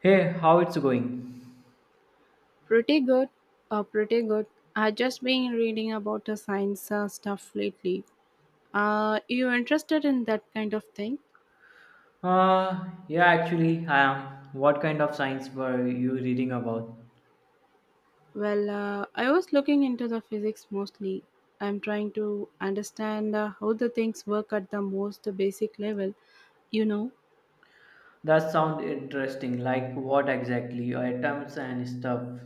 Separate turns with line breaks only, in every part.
Hey, how it's going?
Pretty good, pretty good. I just been reading about the science stuff lately. You interested in that kind of thing?
Yeah, actually, I am. What kind of science were you reading about?
I was looking into the physics mostly. I'm trying to understand how the things work at the most basic level, you know.
That sounds interesting. Like what exactly? Atoms and stuff.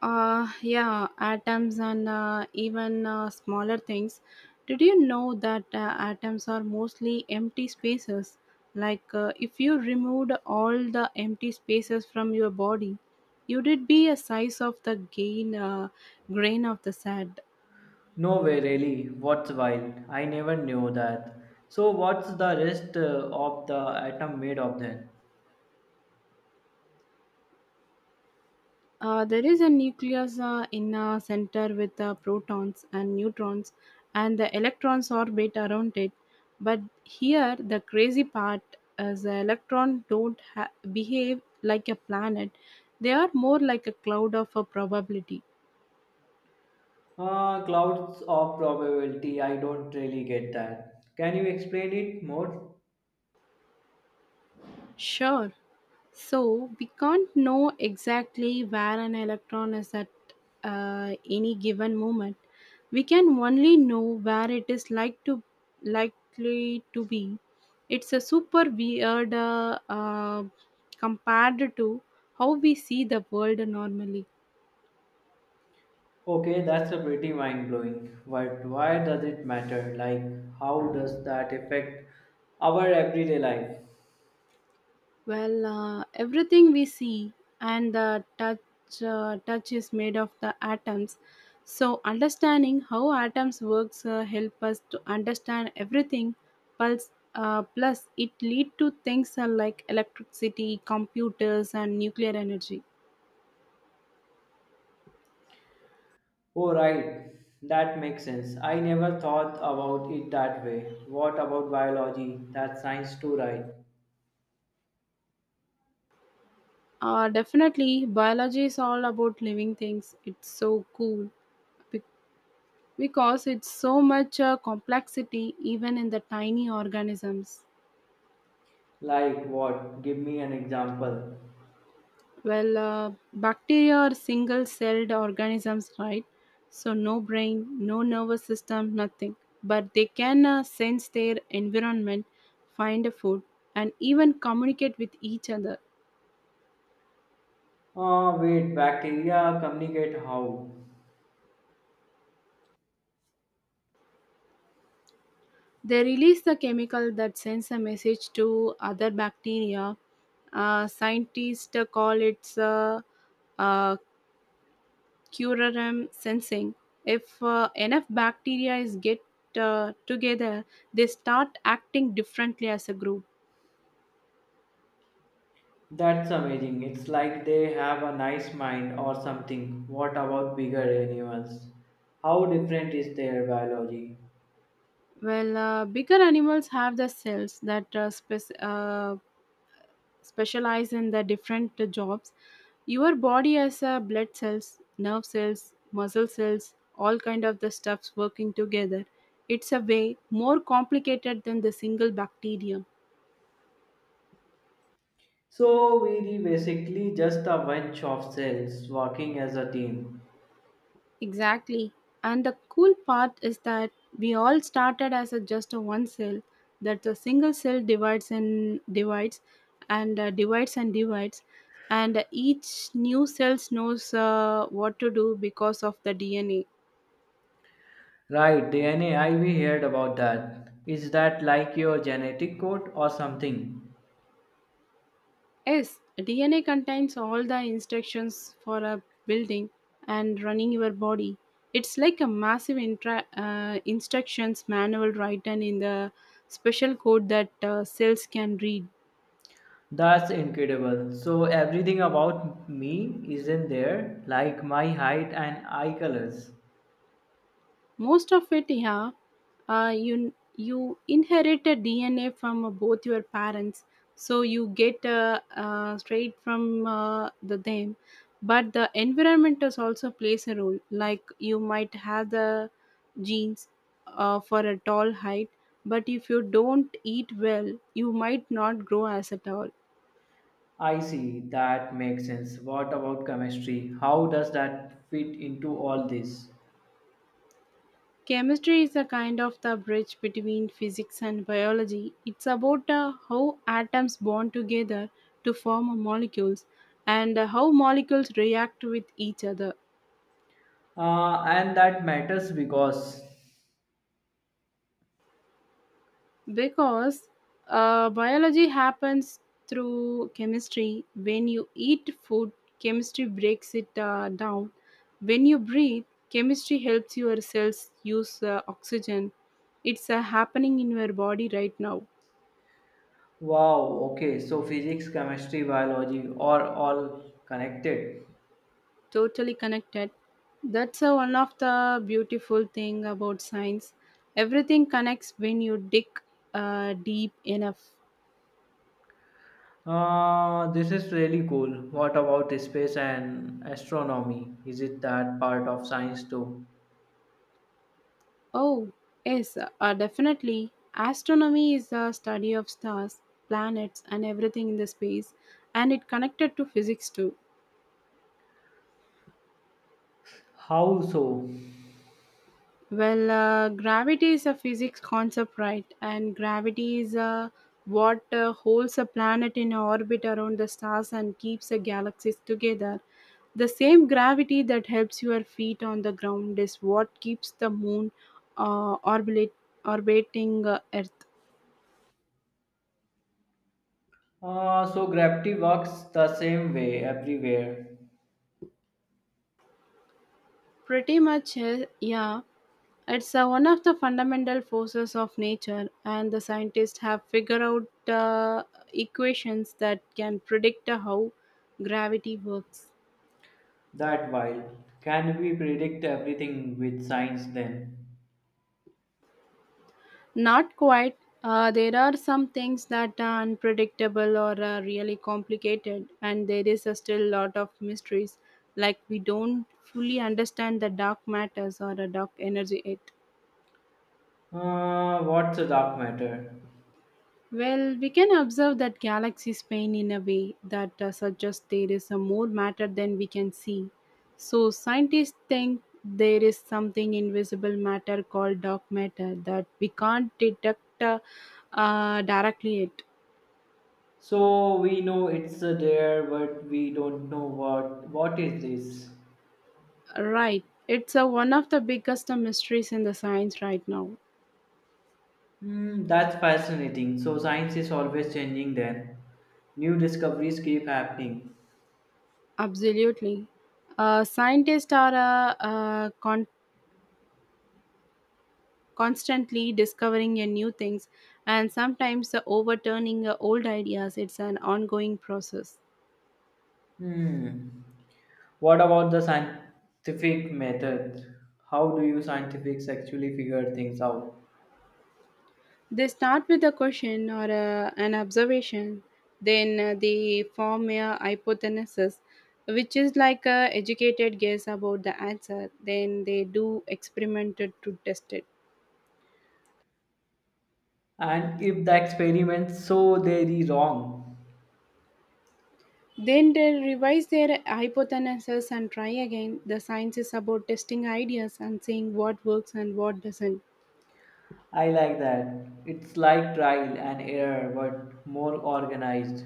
Yeah, atoms and even smaller things. Did you know that atoms are mostly empty spaces? If you removed all the empty spaces from your body, you would be a size of the grain of the sand.
No way, really. What's wild? I never knew that. So, what's the rest of the atom made of then?
There is a nucleus in a center with protons and neutrons, and the electrons orbit around it. But here, the crazy part is the electron don't behave like a planet; they are more like a cloud of a probability.
Clouds of probability. I don't really get that. Can you explain it more?
Sure. So we can't know exactly where an electron is at any given moment. We can only know where it is likely to be. It's a super weird compared to how we see the world normally.
Okay, that's a pretty mind blowing. But why does it matter? Like, how does that affect our everyday life?
Everything we see and the touch is made of the atoms. So understanding how atoms works help us to understand everything. Pulse, Plus it lead to things like electricity, computers, and nuclear energy.
Oh, right, that makes sense. I never thought about it that way. What about biology? That's science too, right?
Definitely, biology is all about living things. It's so cool be- because it's so much complexity even in the tiny organisms.
Like, what? Give me an example.
Bacteria are single celled organisms, right? So, no brain, no nervous system, nothing. But they can sense their environment, find a food, and even communicate with each other.
Ah, wait, bacteria communicate how?
They release the chemical that sends a message to other bacteria. Scientists call it uh, curarum sensing. If enough bacteria is get together, they start acting differently as a group.
That's amazing. It's like they have a nice mind or something. What about bigger animals? How different is their biology?
Bigger animals have the cells that specialize in the different jobs. Your body has blood cells, nerve cells, muscle cells, all kind of the stuffs working together. It's a way more complicated than the single bacterium.
So we were basically just a bunch of cells working as a team.
Exactly. And the cool part is that we all started as a just a one cell. That the single cell divides and divides, and divides and divides, and each new cell knows what to do because of the DNA.
Right, DNA, I we heard about that. Is that like your genetic code or something?
Yes, DNA contains all the instructions for a building and running your body. It's like a massive instructions manual written in the special code that cells can read.
That's incredible. So everything about me is in there, like my height and eye colors.
Most of it, yeah. You inherit a DNA from both your parents, so you get straight from the them, but the environment does also plays a role. Like, you might have the genes for a tall height, but if you don't eat well, you might not grow as a tall.
I see, that makes sense. What about chemistry? How does that fit into all this?
Chemistry is a kind of the bridge between physics and biology. It's about how atoms bond together to form molecules and how molecules react with each other.
And that matters because...
Because biology happens through chemistry. When you eat food, chemistry breaks it down. When you breathe, chemistry helps your cells use oxygen. It's happening in your body right now.
Wow, okay. So physics, chemistry, biology are all connected.
Totally connected. That's one of the beautiful thing about science. Everything connects when you dig deep enough.
This is really cool. What about space and astronomy? Is it that part of science too?
Oh, yes, definitely. Astronomy is the study of stars, planets, and everything in the space, and it connected to physics too.
How so?
Gravity is a physics concept, right? And gravity is what holds a planet in orbit around the stars and keeps the galaxies together. The same gravity that helps your feet on the ground is what keeps the moon uh, orbit, orbiting Earth.
So gravity works the same way everywhere.
Pretty much, eh, yeah. It's one of the fundamental forces of nature, and the scientists have figured out equations that can predict how gravity works.
That while, can we predict everything with science then?
Not quite. There are some things that are unpredictable or are really complicated, and there is a still lot of mysteries. Like, we don't fully understand the dark matters or the dark energy.
What's a dark matter?
Well, we can observe that galaxies pain in a way that suggests there is a more matter than we can see. So, scientists think there is something invisible matter called dark matter that we can't detect directly. It
So we know it's there, but we don't know what is this.
right. It's one of the biggest mysteries in the science right now.
Hmm, that's fascinating. So science is always changing then. New discoveries keep happening.
Absolutely. Scientists are uh, uh, constantly discovering a new things and sometimes overturning old ideas. It's an ongoing process.
Hmm. What about the scientific method? How do you scientists actually figure things out?
They start with a question or an observation, then they form a hypothesis, which is like a educated guess about the answer. Then they do experimented to test it.
And if the experiments, so they are wrong.
Then they revise their hypothesis and try again. The science is about testing ideas and seeing what works and what doesn't.
I like that. It's like trial and error but more organized.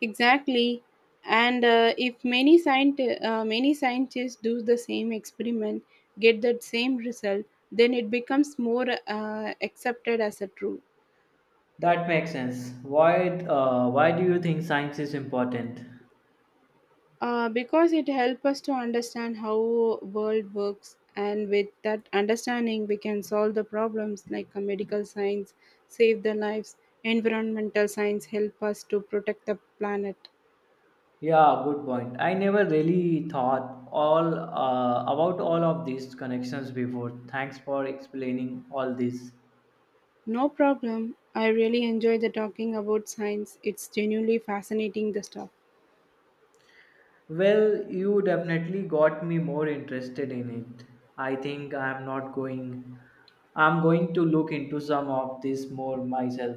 Exactly. And if many scientists do the same experiment, get that same result, then it becomes more accepted as a true.
That makes sense. Why do you think science is important?
Because it helps us to understand how world works, and with that understanding we can solve the problems. Like medical science save the lives, environmental science help us to protect the planet.
Yeah, good point. I never really thought all about all of these connections before. Thanks for explaining all this.
No problem, I really enjoy the talking about science. It's genuinely fascinating the stuff.
Well, you definitely got me more interested in it. I think I'm not going. I'm going to look into some of this more myself.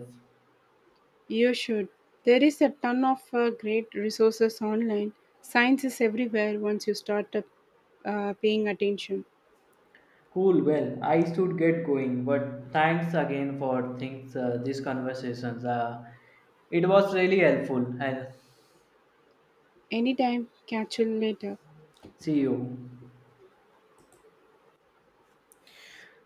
You should. There is a ton of great resources online. Science is everywhere once you start paying attention.
Cool. Well, I should get going. But thanks again for things these conversations. It was really helpful. And
Anytime, catch you later.
see you.